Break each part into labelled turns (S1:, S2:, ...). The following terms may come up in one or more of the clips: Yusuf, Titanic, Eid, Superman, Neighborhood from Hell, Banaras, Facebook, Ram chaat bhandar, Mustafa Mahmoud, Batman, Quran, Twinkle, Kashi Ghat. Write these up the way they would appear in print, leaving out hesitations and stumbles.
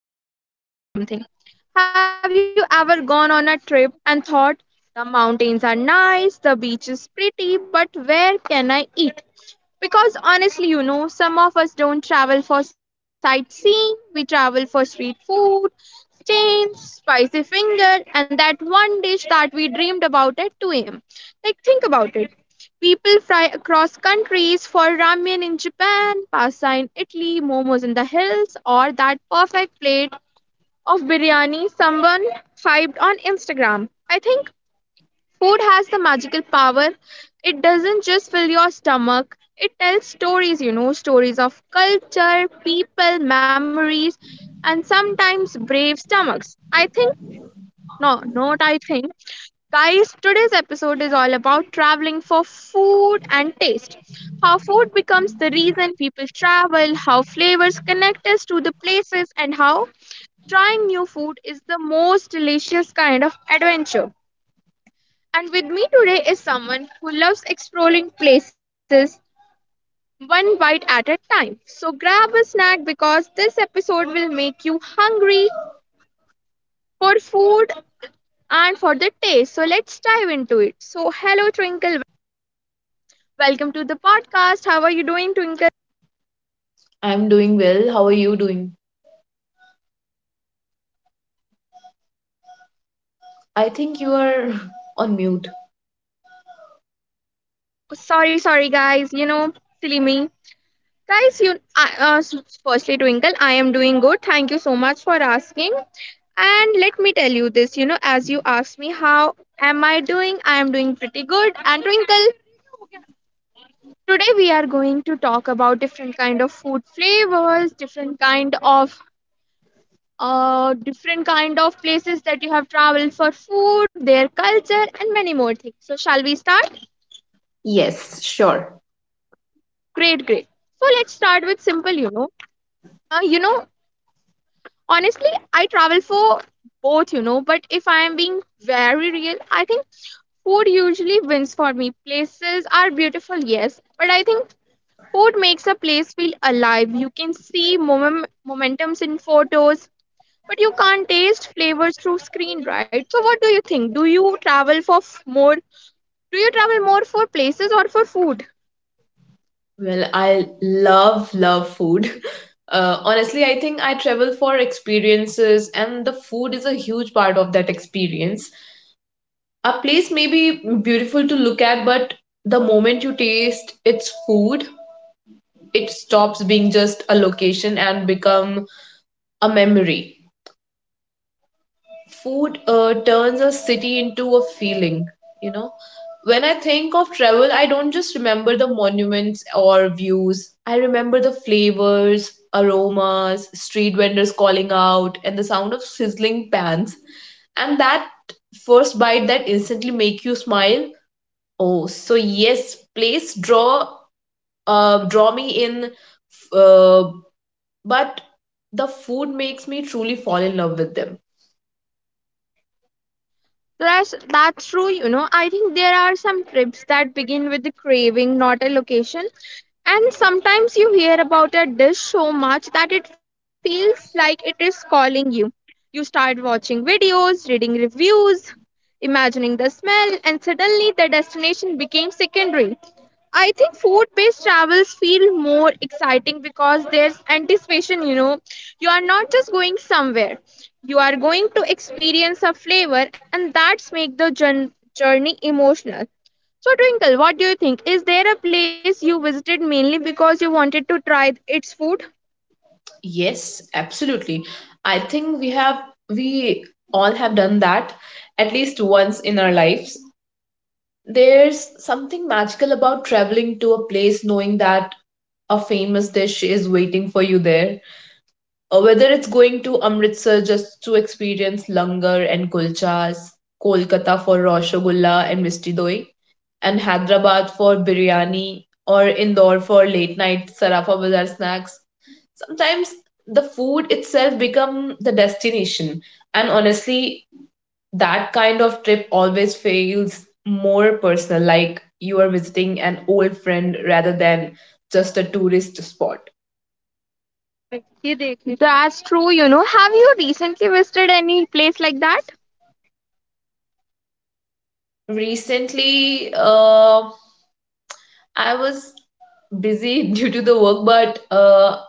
S1: Guys, let me ask you something. Have you ever gone on a trip and thought, the mountains are nice, the beach is pretty, but where can I eat? Because honestly, some of us don't travel for sightseeing, we travel for street food, stains, spicy finger, and that one dish that we dreamed about at 2 a.m. Like, think about it. People fly across countries for ramen in Japan, pasta in Italy, momos in the hills, or that perfect plate of biryani someone hyped on Instagram. I think food has the magical power. It doesn't just fill your stomach, it tells stories, stories of culture, people, memories, and sometimes brave stomachs. I think, no, not I think. Guys, today's episode is all about traveling for food and taste. How food becomes the reason people travel, how flavors connect us to the places, and how trying new food is the most delicious kind of adventure. And with me today is someone who loves exploring places one bite at a time. So grab a snack because this episode will make you hungry for food and for the taste. So let's dive into it. So, hello, Twinkle. Welcome to the podcast. How are you doing, Twinkle?
S2: I'm doing well. How are you doing? I think you are on mute.
S1: Sorry, sorry, guys. You know, silly me. Guys, firstly, Twinkle, I am doing good. Thank you so much for asking. And let me tell you this, you know, as you asked me, how am I doing? I am doing pretty good. And Twinkle, today we are going to talk about different kind of food flavors, different kind of places that you have traveled for food, their culture, and many more things. So shall we start?
S2: Yes, sure.
S1: Great, great. So let's start with simple, you know. Uh, you know, honestly, I travel for both, you know, but if I am being very real, I think food usually wins for me. Places are beautiful, yes, but I think food makes a place feel alive. You can see momentums in photos, but you can't taste flavors through screen, right? So what do you think? Do you travel for f- more? Do you travel more for places or for food?
S2: Well, I love, love food. Honestly, I think I travel for experiences, and the food is a huge part of that experience. A place may be beautiful to look at, but the moment you taste its food, it stops being just a location and become a memory. Food turns a city into a feeling, you know. When I think of travel, I don't just remember the monuments or views. I remember the flavors, aromas, street vendors calling out, and the sound of sizzling pans, and that first bite that instantly make you smile. Oh, so yes, place draw, draw me in, uh, but the food makes me truly fall in love with them.
S1: That's true, you know. I think there are some trips that begin with the craving, not a location. And sometimes you hear about a dish so much that it feels like it is calling you. You start watching videos, reading reviews, imagining the smell, and suddenly the destination became secondary. I think food-based travels feel more exciting because there's anticipation, you know. You are not just going somewhere. You are going to experience a flavor and that's make the journey emotional. So Twinkle, what do you think? Is there a place you visited mainly because you wanted to try its food?
S2: Yes, absolutely. I think we all have done that at least once in our lives. There's something magical about traveling to a place knowing that a famous dish is waiting for you there. Whether it's going to Amritsar just to experience langar and kulchas, Kolkata for rasgulla and misti doi, and Hyderabad for biryani, or Indore for late night Sarafa Bazaar snacks, sometimes the food itself become the destination. And honestly, that kind of trip always feels more personal, like you are visiting an old friend rather than just a tourist spot.
S1: That's true, you know. Have you recently visited any place like that?
S2: Recently, I was busy due to the work, but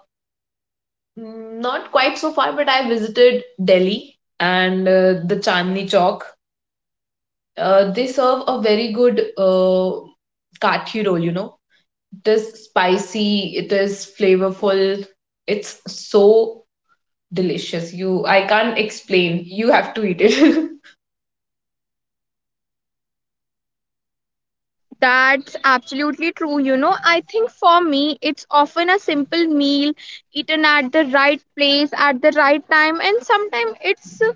S2: not quite so far. But I visited Delhi and the Chandni Chowk. They serve a very good kathi roll, you know. It is spicy, it is flavorful, it's so delicious. I can't explain. You have to eat it.
S1: That's absolutely true. You know, I think for me, it's often a simple meal eaten at the right place at the right time, and sometimes it's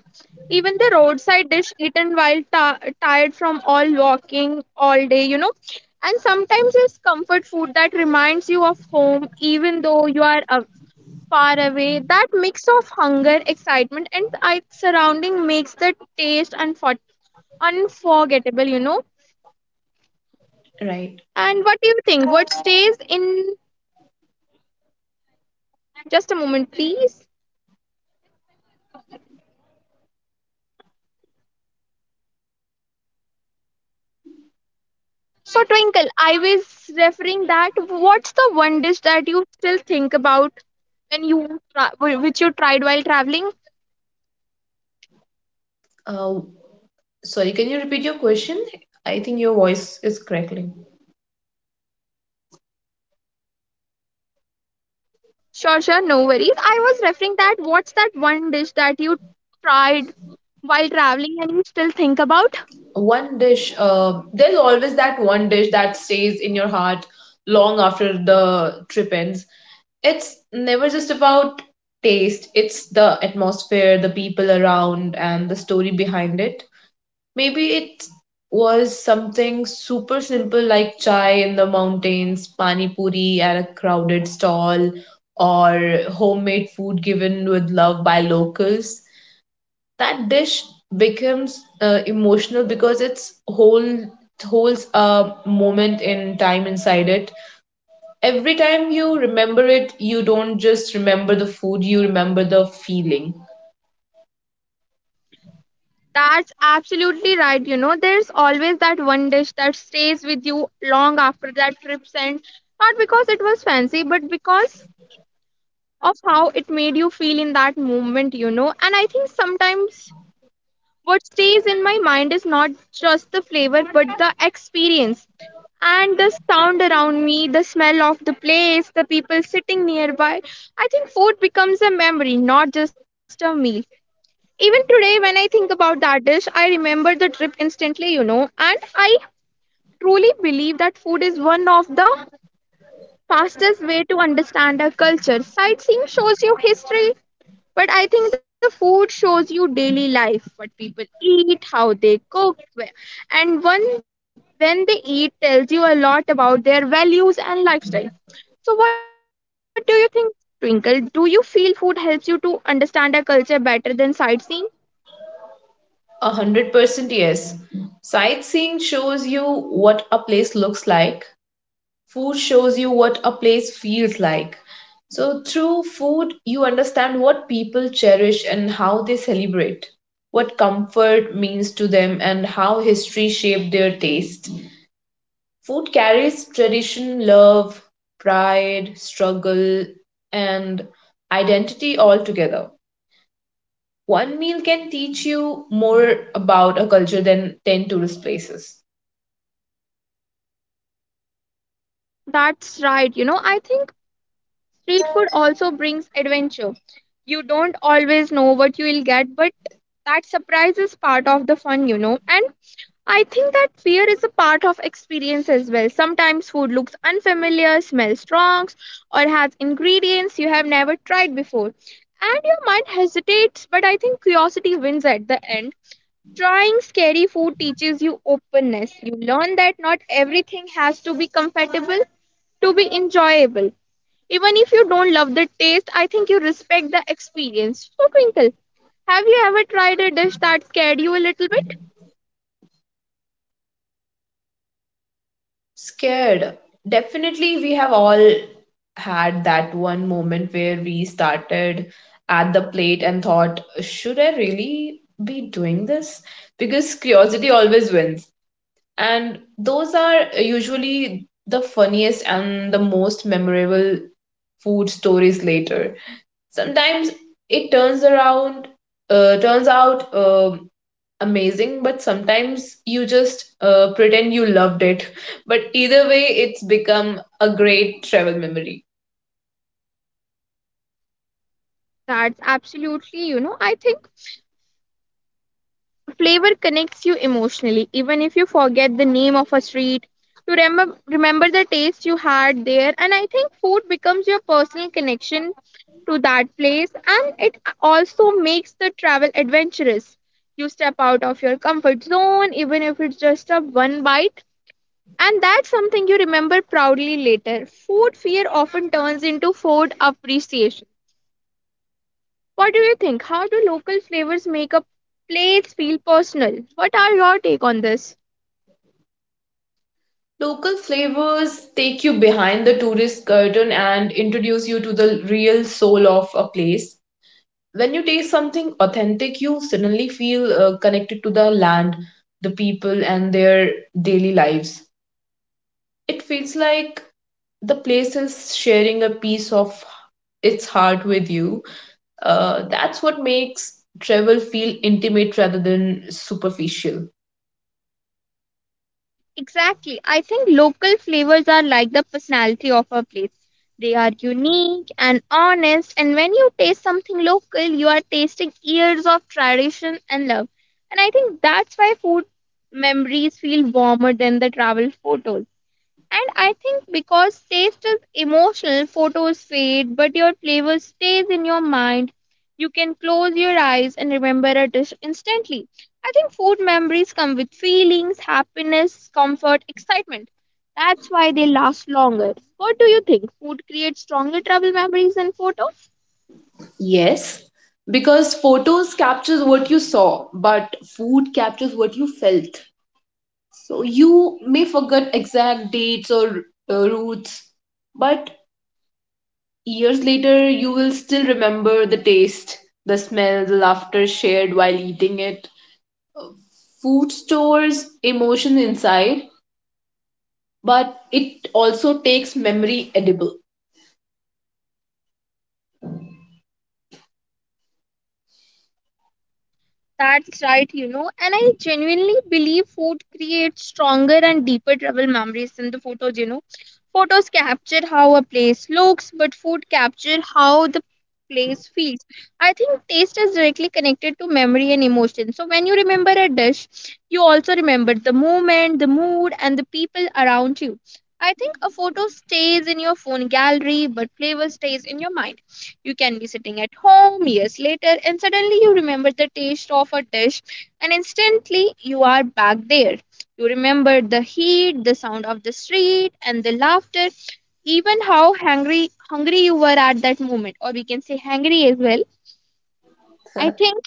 S1: even the roadside dish eaten while tired from all walking all day, you know. And sometimes it's comfort food that reminds you of home, even though you are far away. That mix of hunger, excitement, and surrounding makes the taste unforgettable, you know.
S2: Right.
S1: And what do you think? What stays in just a moment, please? So, Twinkle, I was referring that what's the one dish that you still think about when which you tried while traveling?
S2: Uh, Sorry, can you repeat your question? I think your voice is crackling.
S1: Sure, sure, no worries. I was referring that what's that one dish that you tried while traveling and you still think about?
S2: One dish, there's always that one dish that stays in your heart long after the trip ends. It's never just about taste. It's the atmosphere, the people around, and the story behind it. Maybe it was something super simple, like chai in the mountains, pani puri at a crowded stall, or homemade food given with love by locals. That dish becomes emotional because it holds a moment in time inside it. Every time you remember it, you don't just remember the food, you remember the feeling.
S1: That's absolutely right. You know, there's always that one dish that stays with you long after that trip, and not because it was fancy, but because of how it made you feel in that moment, you know. And I think sometimes what stays in my mind is not just the flavor, but the experience and the sound around me, the smell of the place, the people sitting nearby. I think food becomes a memory, not just a meal. Even today, when I think about that dish, I remember the trip instantly, you know, and I truly believe that food is one of the fastest way to understand a culture. Sightseeing shows you history, but I think the food shows you daily life, what people eat, how they cook, and when they eat tells you a lot about their values and lifestyle. So what do you think, Twinkle? Do you feel food helps you to understand a culture better than sightseeing?
S2: 100%, yes. Sightseeing shows you what a place looks like. Food shows you what a place feels like. So, through food, you understand what people cherish and how they celebrate, what comfort means to them, and how history shaped their taste. Food carries tradition, love, pride, struggle, and identity all together. One meal can teach you more about a culture than 10 tourist places.
S1: That's right. You know, I think street food also brings adventure. You don't always know what you will get, but that surprise is part of the fun, you know. And I think that fear is a part of experience as well. Sometimes food looks unfamiliar, smells strong, or has ingredients you have never tried before. And your mind hesitates, but I think curiosity wins at the end. Trying scary food teaches you openness. You learn that not everything has to be comfortable to be enjoyable. Even if you don't love the taste, I think you respect the experience. So, Twinkle, have you ever tried a dish that scared you a little bit?
S2: Scared. Definitely, we have all had that one moment where we started at the plate and thought, should I really be doing this? Because curiosity always wins. And those are usually the funniest and the most memorable food stories later. Sometimes it turns around, turns out amazing, but sometimes you just pretend you loved it, but either way it's become a great travel memory.
S1: That's absolutely, you know, I think flavor connects you emotionally. Even if you forget the name of a street, you remember the taste you had there. And I think food becomes your personal connection to that place and it also makes the travel adventurous, you step out of your comfort zone even if it's just a one bite. And that's something you remember proudly later. Food fear often turns into food appreciation. What do you think? How do local flavors make a place feel personal? What are your take on this?
S2: Local flavors take you behind the tourist curtain and introduce you to the real soul of a place. When you taste something authentic, you suddenly feel connected to the land, the people, and their daily lives. It feels like the place is sharing a piece of its heart with you. That's what makes travel feel intimate rather than superficial.
S1: Exactly. I think local flavors are like the personality of a place. They are unique and honest, and when you taste something local, you are tasting years of tradition and love. And I think that's why food memories feel warmer than the travel photos. And I think because taste is emotional, photos fade, but your flavor stays in your mind. You can close your eyes and remember a dish instantly. I think food memories come with feelings, happiness, comfort, excitement. That's why they last longer. What do you think? Food creates stronger travel memories than photos?
S2: Yes, because photos captures what you saw, but food captures what you felt. So you may forget exact dates or routes, but years later you will still remember the taste, the smell, the laughter shared while eating it. Food stores emotion inside, but it also takes memory edible.
S1: That's right, you know, and I genuinely believe food creates stronger and deeper travel memories than the photos, you know. Photos capture how a place looks, but food capture how the place feels. I think taste is directly connected to memory and emotion. So when you remember a dish, you also remember the moment, the mood, and the people around you. I think a photo stays in your phone gallery, but flavor stays in your mind. You can be sitting at home years later and suddenly you remember the taste of a dish and instantly you are back there. You remember the heat, the sound of the street and the laughter, even how hungry you were at that moment or we can say hungry as well. I think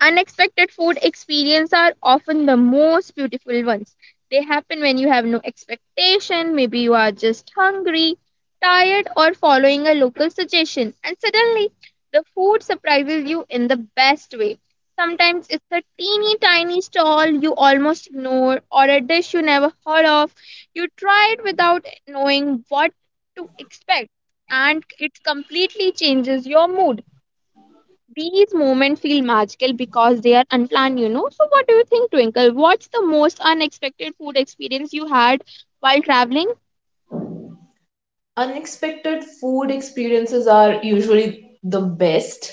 S1: unexpected food experiences are often the most beautiful ones. They happen when you have no expectation, maybe you are just hungry, tired, or following a local suggestion, and suddenly the food surprises you in the best way. Sometimes it's a teeny tiny stall you almost ignore, or a dish you never heard of. You try it without knowing what to expect, and it completely changes your mood. These moments feel magical because they are unplanned, you know. So, what do you think, Twinkle? What's the most unexpected food experience you had while traveling?
S2: Unexpected food experiences are usually the best.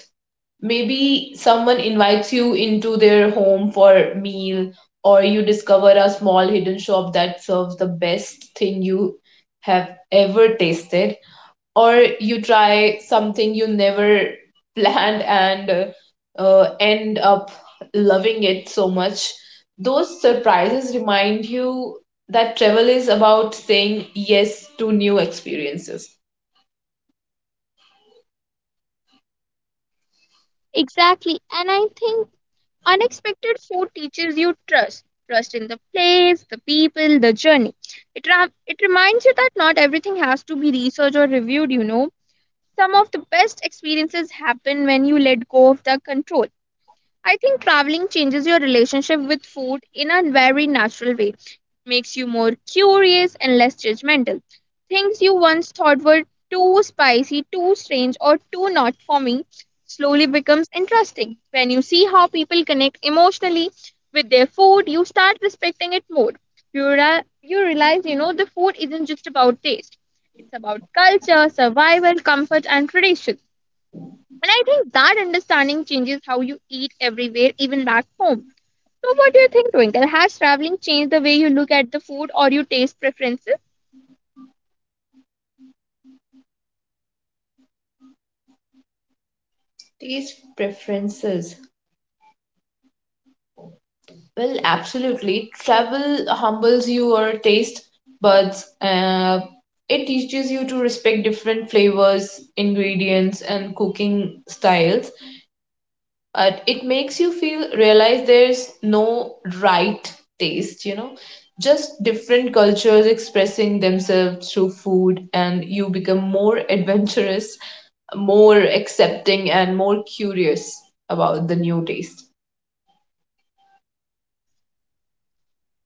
S2: Maybe someone invites you into their home for meal, or you discover a small hidden shop that serves the best thing you have ever tasted, or you try something you never planned and end up loving it so much. Those surprises remind you that travel is about saying yes to new experiences.
S1: Exactly. And I think unexpected food teaches you trust, in the place, the people, the journey. It reminds you that not everything has to be researched or reviewed, you know. Some of the best experiences happen when you let go of the control. I think traveling changes your relationship with food in a very natural way. Makes you more curious and less judgmental. Things you once thought were too spicy, too strange, or too not for me slowly becomes interesting. When you see how people connect emotionally with their food, you start respecting it more. You realize, you know, the food isn't just about taste. It's about culture, survival, comfort, and tradition and I think that understanding changes how you eat everywhere, even back home. So, what do you think, Twinkle? Has traveling changed the way you look at the food or your taste preferences?
S2: Taste preferences. Well, absolutely. Travel humbles your taste buds. It teaches you to respect different flavors, ingredients, and cooking styles. It makes you feel realize there's no right taste, you know, just different cultures expressing themselves through food, and you become more adventurous, more accepting, and more curious about the new taste.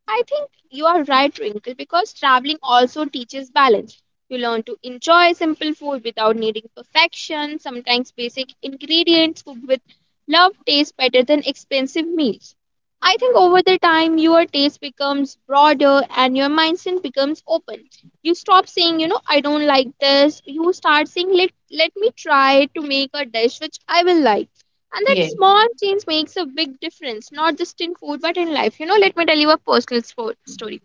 S1: I think you are right, Wrinkle, because traveling also teaches balance. You learn to enjoy simple food without needing perfection. Sometimes basic ingredients cooked with love taste better than expensive meals. I think over the time, your taste becomes broader and your mindset becomes open. You stop saying, "I don't like this." You start saying, let me try to make a dish which I will like, and that
S2: Yeah,
S1: small change makes a big difference, not just in food but in life. You know, let me tell you a personal story.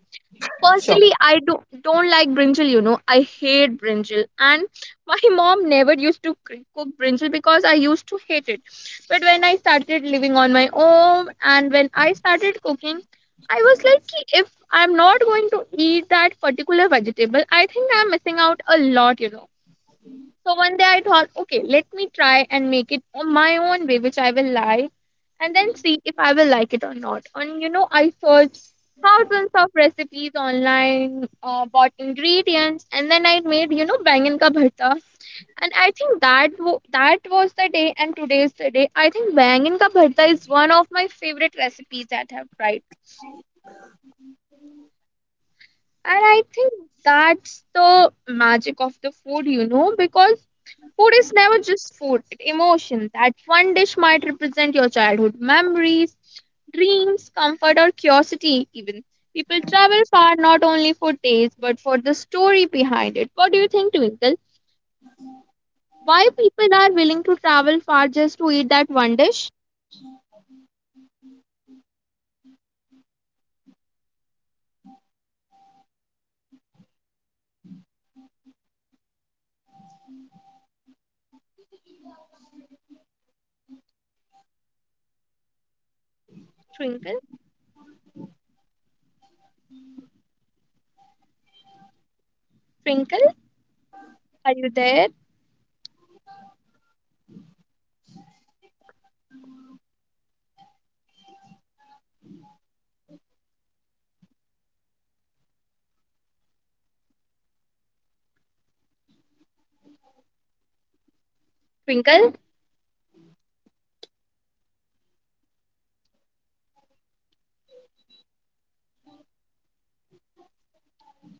S2: sure.
S1: Personally, I don't like brinjal. You know, I hate brinjal, and my mom never used to cook brinjal because I used to hate it. But when I started living on my own and when I started cooking, I was like, "Ki, if I'm not going to eat that particular vegetable, I think I'm missing out a lot. So one day I thought, okay, let me try and make it on my own way, which I will like, and then see if I will like it or not. And you know, I searched thousands of recipes online, bought ingredients, and then I made, bangan ka bharta. And I think that that was the day, and today is the day. I think bangan ka bharta is one of my favorite recipes that I have tried, and I think that's the magic of the food, you know, because food is never just food, it's emotion. That one dish might represent your childhood memories, dreams, comfort, or curiosity, even. People travel far not only for taste but for the story behind it. What do you think, Twinkle? Why people are willing to travel far just to eat that one dish? Twinkle, Twinkle, are you there? Twinkle?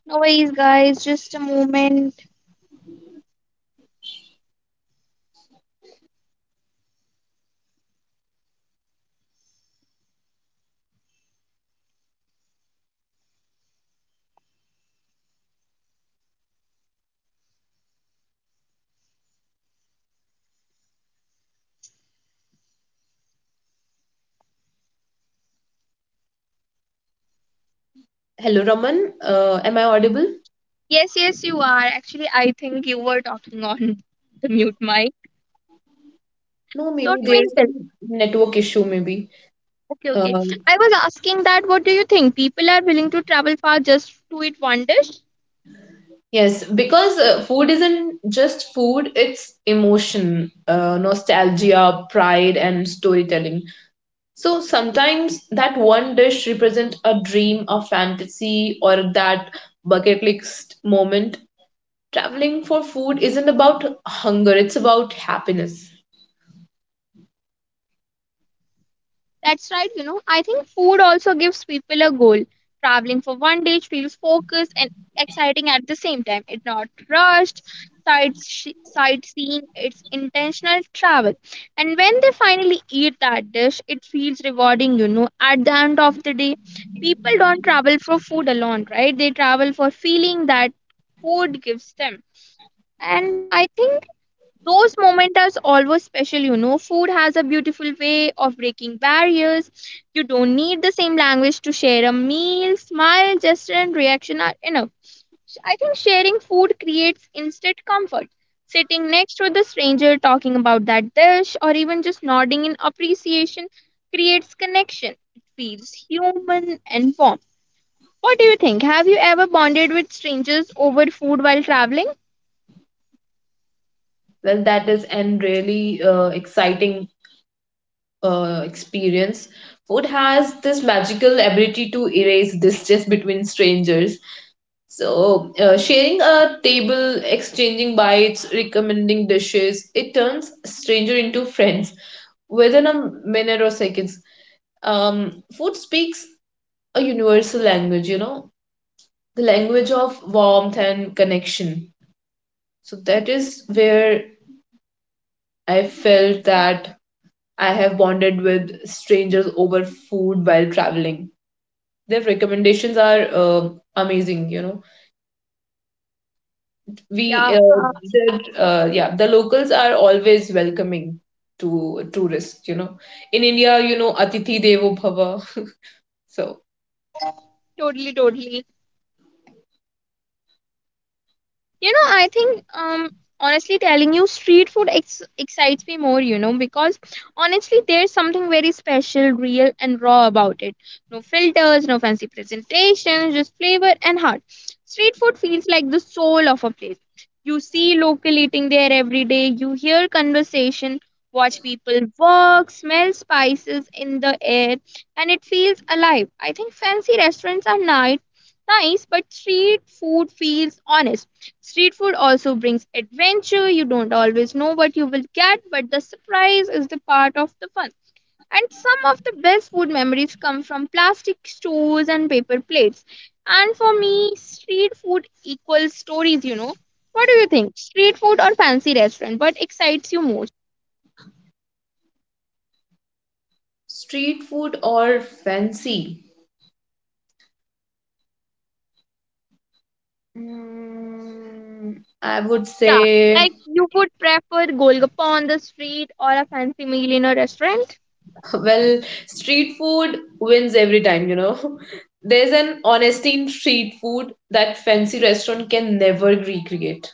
S1: No worries, guys, just a moment.
S2: Hello, Raman. Am I audible?
S1: Yes, yes, you are. Actually, I think you were talking on the mute mic.
S2: No,
S1: So,
S2: maybe there's
S1: Twinkle.
S2: some network issue, maybe.
S1: Okay, okay.
S2: Um,
S1: I was asking that what do you think? People are willing to travel far just to eat one dish?
S2: yes, because food isn't just food, it's emotion, nostalgia, pride, and storytelling. So sometimes that one dish represents a dream, a fantasy, or that bucket list moment. Traveling for food isn't about hunger, it's about happiness.
S1: That's right, you know. I think food also gives people a goal. Traveling for one dish feels focused and exciting at the same time. It's not rushed, sightseeing, it's intentional travel. And when they finally eat that dish, it feels rewarding, you know. At the end of the day, people don't travel for food alone, right? They travel for feeling that food gives them, and I think those moments are always special. You know, food has a beautiful way of breaking barriers. You don't need the same language to share a meal. Smile, gesture and reaction are enough. I think sharing food creates instant comfort. Sitting next to the stranger, talking about that dish or even just nodding in appreciation, creates connection. It feels human and warm. What do you think? Have you ever bonded with strangers over food while traveling?
S2: Well, that is and really exciting experience. Food has this magical ability to erase distance between strangers. So, sharing a table, exchanging bites, recommending dishes, it turns stranger into friends within a minute or seconds. Food speaks a universal language, you know, the language of warmth and connection. So, that is where I felt that I have bonded with strangers over food while traveling. Their recommendations are amazing, you know.
S1: Yeah,
S2: Yeah, the locals are always welcoming to tourists, you know. In India, you know, Atithi Devo Bhava. So,
S1: totally, totally. You know, I think honestly telling you, street food excites me more, you know, because honestly there's something very special, real and raw about it. No filters, no fancy presentations, just flavor and heart. Street food feels like the soul of a place. You see local eating there every day, you hear conversation, watch people work, smell spices in the air, and it feels alive. I think fancy restaurants are nice, but street food feels honest. Street food also brings adventure. You don't always know what you will get, but the surprise is the part of the fun. And some of the best food memories come from plastic stools and paper plates. And for me, street food equals stories, you know. What do you think? Street food or fancy restaurant? What excites you most?
S2: street food or fancy? Mm, I would
S1: Yeah,
S2: say,
S1: like you would prefer Golgappa on the street or a fancy meal in a restaurant?
S2: well, street food wins every time, you know. There's an honesty in street food that fancy restaurant can never recreate.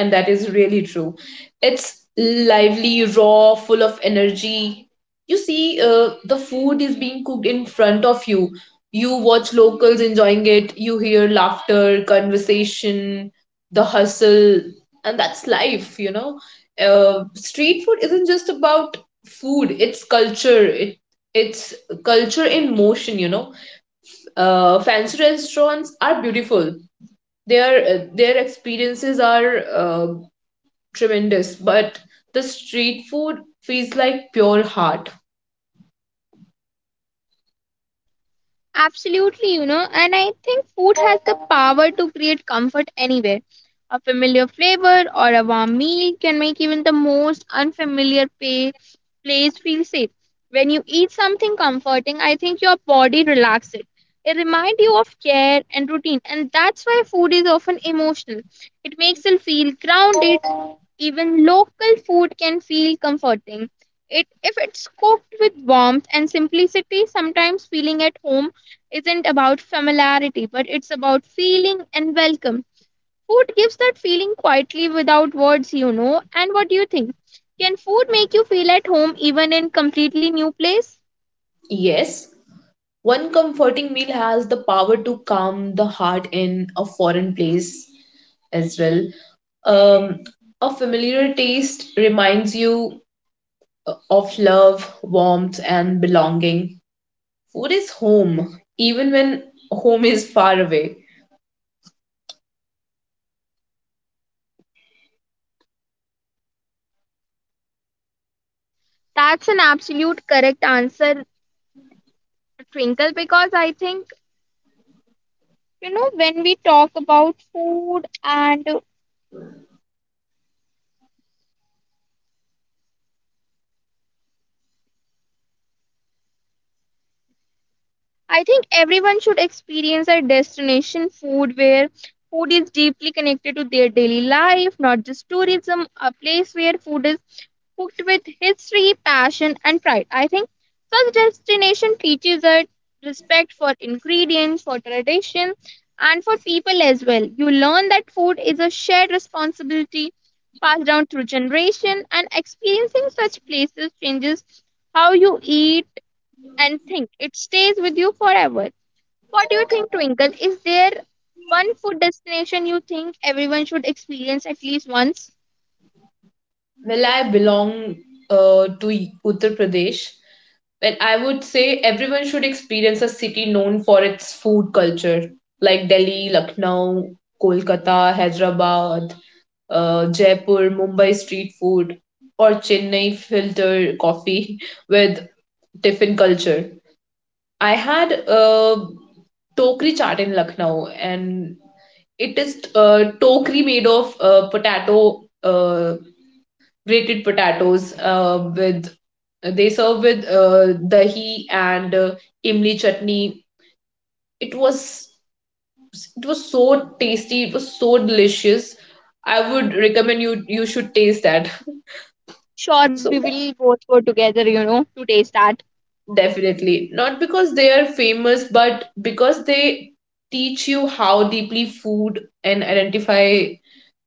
S2: And that is really true. It's lively, raw, full of energy. You see, the food is being cooked in front of you. You watch locals enjoying it, you hear laughter, conversation, the hustle, and that's life, you know. Street food isn't just about food, it's culture. It's culture in motion, you know. Fancy restaurants are beautiful, their experiences are tremendous, but the street food feels like pure heart.
S1: Absolutely, you know, and I think food has the power to create comfort anywhere. A familiar flavor or a warm meal can make even the most unfamiliar place feel safe. When you eat something comforting, I think your body relaxes. It reminds you of care and routine, and that's why food is often emotional. It makes you feel grounded. Even local food can feel comforting. It if it's cooked with warmth and simplicity, sometimes feeling at home isn't about familiarity, but it's about feeling and welcome. Food gives that feeling quietly without words, you know. And what do you think? Can food make you feel at home even in completely new place?
S2: Yes, one comforting meal has the power to calm the heart in a foreign place as well. Um, a familiar taste reminds you of love, warmth, and belonging. Food is home, even when home is far away.
S1: That's an absolute correct answer, Twinkle, because I think, you know, when we talk about food, and I think everyone should experience a destination food where food is deeply connected to their daily life, not just tourism, a place where food is cooked with history, passion, and pride. I think such destination teaches us respect for ingredients, for tradition, and for people as well. You learn that food is a shared responsibility passed down through generation, and experiencing such places changes how you eat and think. It stays with you forever. What do you think, Twinkle? Is there one food destination you think everyone should experience at least once?
S2: Well, I belong to E, Uttar Pradesh. Well, I would say everyone should experience a city known for its food culture, like Delhi, Lucknow, Kolkata, Hyderabad, Jaipur, Mumbai street food, or Chennai filter coffee with tiffin culture. I had tokri chaat in Lucknow, and it is tokri made of potato grated potatoes with they serve with dahi and imli chutney. it was it was so tasty, it was so delicious. I would recommend you, you should taste that.
S1: Sure,
S2: So
S1: we will both go together, you know, to taste that.
S2: definitely not because they are famous, but because they teach you how deeply food and identify,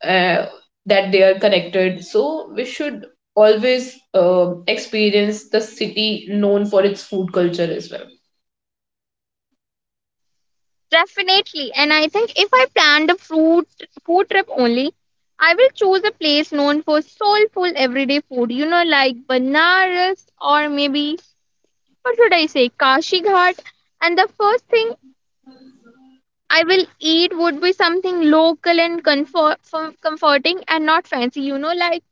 S2: uh, that they are connected. So we should always experience the city known for its food culture as well.
S1: Definitely. And I think if I planned a fruit food trip only, I will choose a place known for soulful everyday food, you know, like Banaras or maybe what should I say, Kashi Ghat. And the first thing I will eat would be something local and comforting and not fancy, you know, like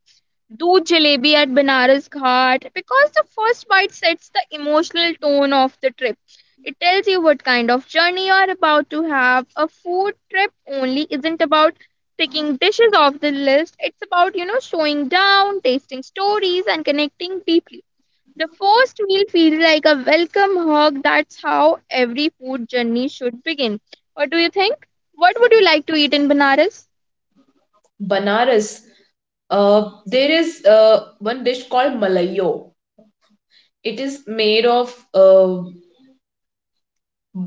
S1: Do jalebi at Banaras Ghat, because the first bite sets the emotional tone of the trip. It tells you what kind of journey you are about to have. A food trip only isn't about picking dishes off the list. It's about, you know, slowing down, tasting stories, and connecting deeply. The first meal feels like a welcome hug. That's how every food journey should begin. What do you think? What would you like to eat in Banaras?
S2: Banaras, there is one dish called malayo. It is made of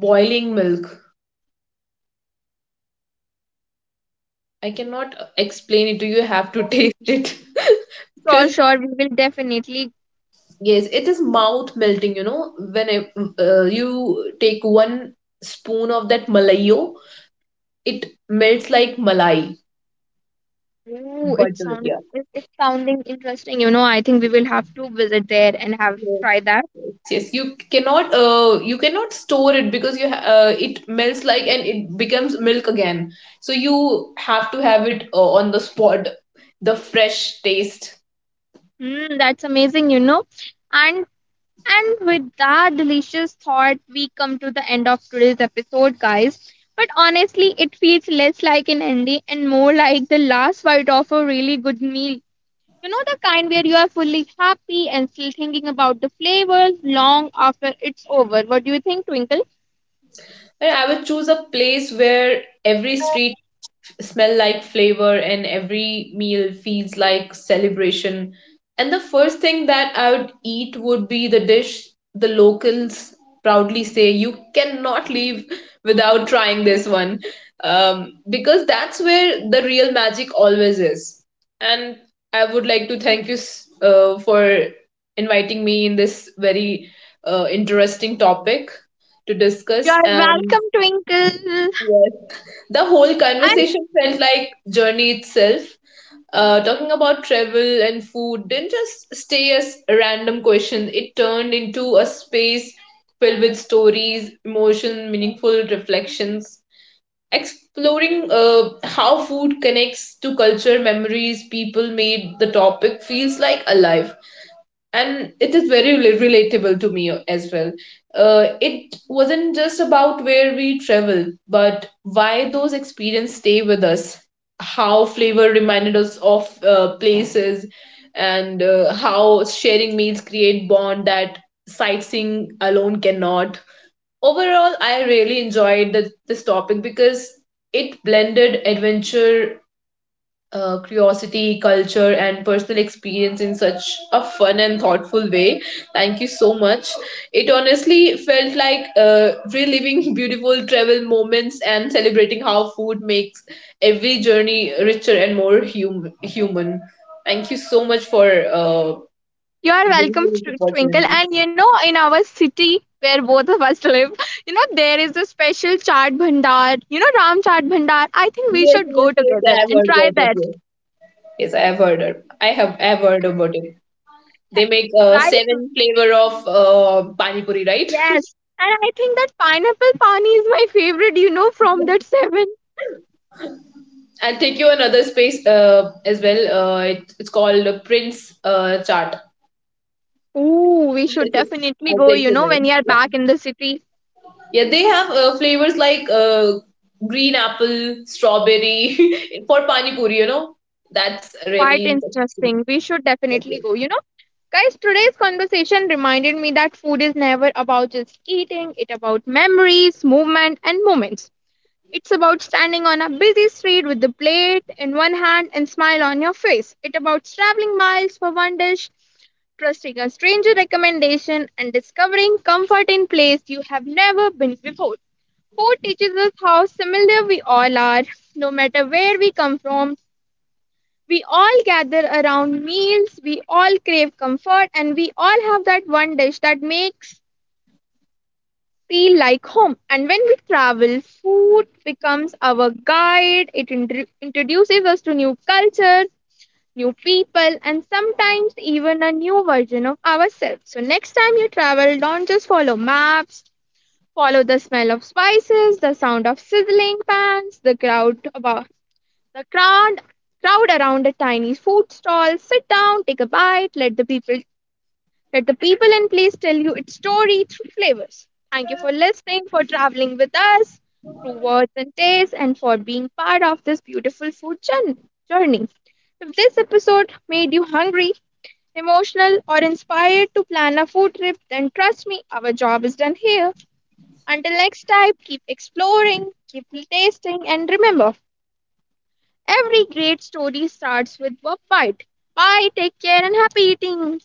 S2: boiling milk. I cannot explain it to you. You have to taste it
S1: Sure,
S2: because
S1: sure. We will definitely.
S2: yes, it is mouth melting. You know, you take one spoon of that malayo, it melts like malai
S1: Oh, it
S2: butter. Yeah.
S1: it's sounding interesting. You know, I think we will have to visit there and have
S2: Yes,
S1: try that.
S2: yes, yes. You cannot store it because it melts like and it becomes milk again. So you have to have it on the spot, the fresh taste.
S1: Mm, that's amazing. You know, and and with that delicious thought, we come to the end of today's episode, guys. But honestly, it feels less like an ending and more like the last bite of a really good meal. You know, the kind where you are fully happy and still thinking about the flavors long after it's over. What do you think, Twinkle?
S2: And I would choose a place where every street smell like flavor and every meal feels like celebration, and the first thing that I would eat would be the dish the locals proudly say you cannot leave without trying this one, because that's where the real magic always is. And I would like to thank you for inviting me in this very interesting topic to
S1: You
S2: discuss,
S1: are
S2: and
S1: welcome, Twinkle.
S2: yes, the whole
S1: And
S2: conversation felt like journey itself. Talking about travel and food didn't just stay as a random question. It turned into a space filled with stories, emotion, meaningful reflections. Exploring how food connects to culture, memories, people made the topic feels like alive, and it is very relatable to me as well. It wasn't just about where we traveled, but why those experiences stay with us, how flavor reminded us of places, and how sharing meals create bond that sightseeing alone cannot. Overall, I really enjoyed this topic because it blended adventure, curiosity, culture, and personal experience in such a fun and thoughtful way. Thank you so much. It honestly felt like reliving beautiful travel moments and celebrating how food makes every journey richer and more human. Thank you so much for
S1: you are
S2: giving me
S1: welcome,
S2: this
S1: Twinkle.
S2: opportunity.
S1: And you know, in our city where both of us live, you know, there is a special chaat bhandar. You know, Ram chaat bhandar. I think we
S2: Yes,
S1: should
S2: yes,
S1: go
S2: yes.
S1: together
S2: I have
S1: and
S2: heard
S1: try
S2: about it.
S1: that.
S2: Yes, yes I have heard. It. I have heard about it. They
S1: Ha-
S2: make
S1: Right?
S2: seven flavor of pani puri, right?
S1: Yes. And I think that pineapple pani is my favorite. You know, from that seven.
S2: I'll take you another space as well. It's called a Prince Chart.
S1: Ooh, we should definitely
S2: I'll
S1: go.
S2: take
S1: You
S2: you
S1: know,
S2: there.
S1: when you are
S2: Yeah,
S1: back in the city,
S2: yeah, they have flavors like green apple, strawberry for pani puri. You know, that's
S1: quite
S2: really interesting.
S1: interesting. We should
S2: Okay.
S1: definitely go. You know. Guys, today's conversation reminded me that food is never about just eating, it's about memories, movement, and moments. It's about standing on a busy street with the plate in one hand and smile on your face. It's about traveling miles for one dish, trusting a stranger recommendation, and discovering comfort in place you have never been before. Food teaches us how similar we all are. No matter where we come from, we all gather around meals, we all crave comfort, and we all have that one dish that makes feel like home. And when we travel, food becomes our guide. It introduces us to new cultures, new people, and sometimes even a new version of ourselves. So next time you travel, don't just follow maps. Follow the smell of spices, the sound of sizzling pans, the crowd around a tiny food stall, sit down, take a bite, let the people and place tell you its story through flavors. Thank you for listening, for traveling with us through words and tastes, and for being part of this beautiful food journey. If this episode made you hungry, emotional, or inspired to plan a food trip, then trust me, our job is done here. Until next time, keep exploring, keep tasting, and remember: every great story starts with a bite. Bye, take care, and happy eating!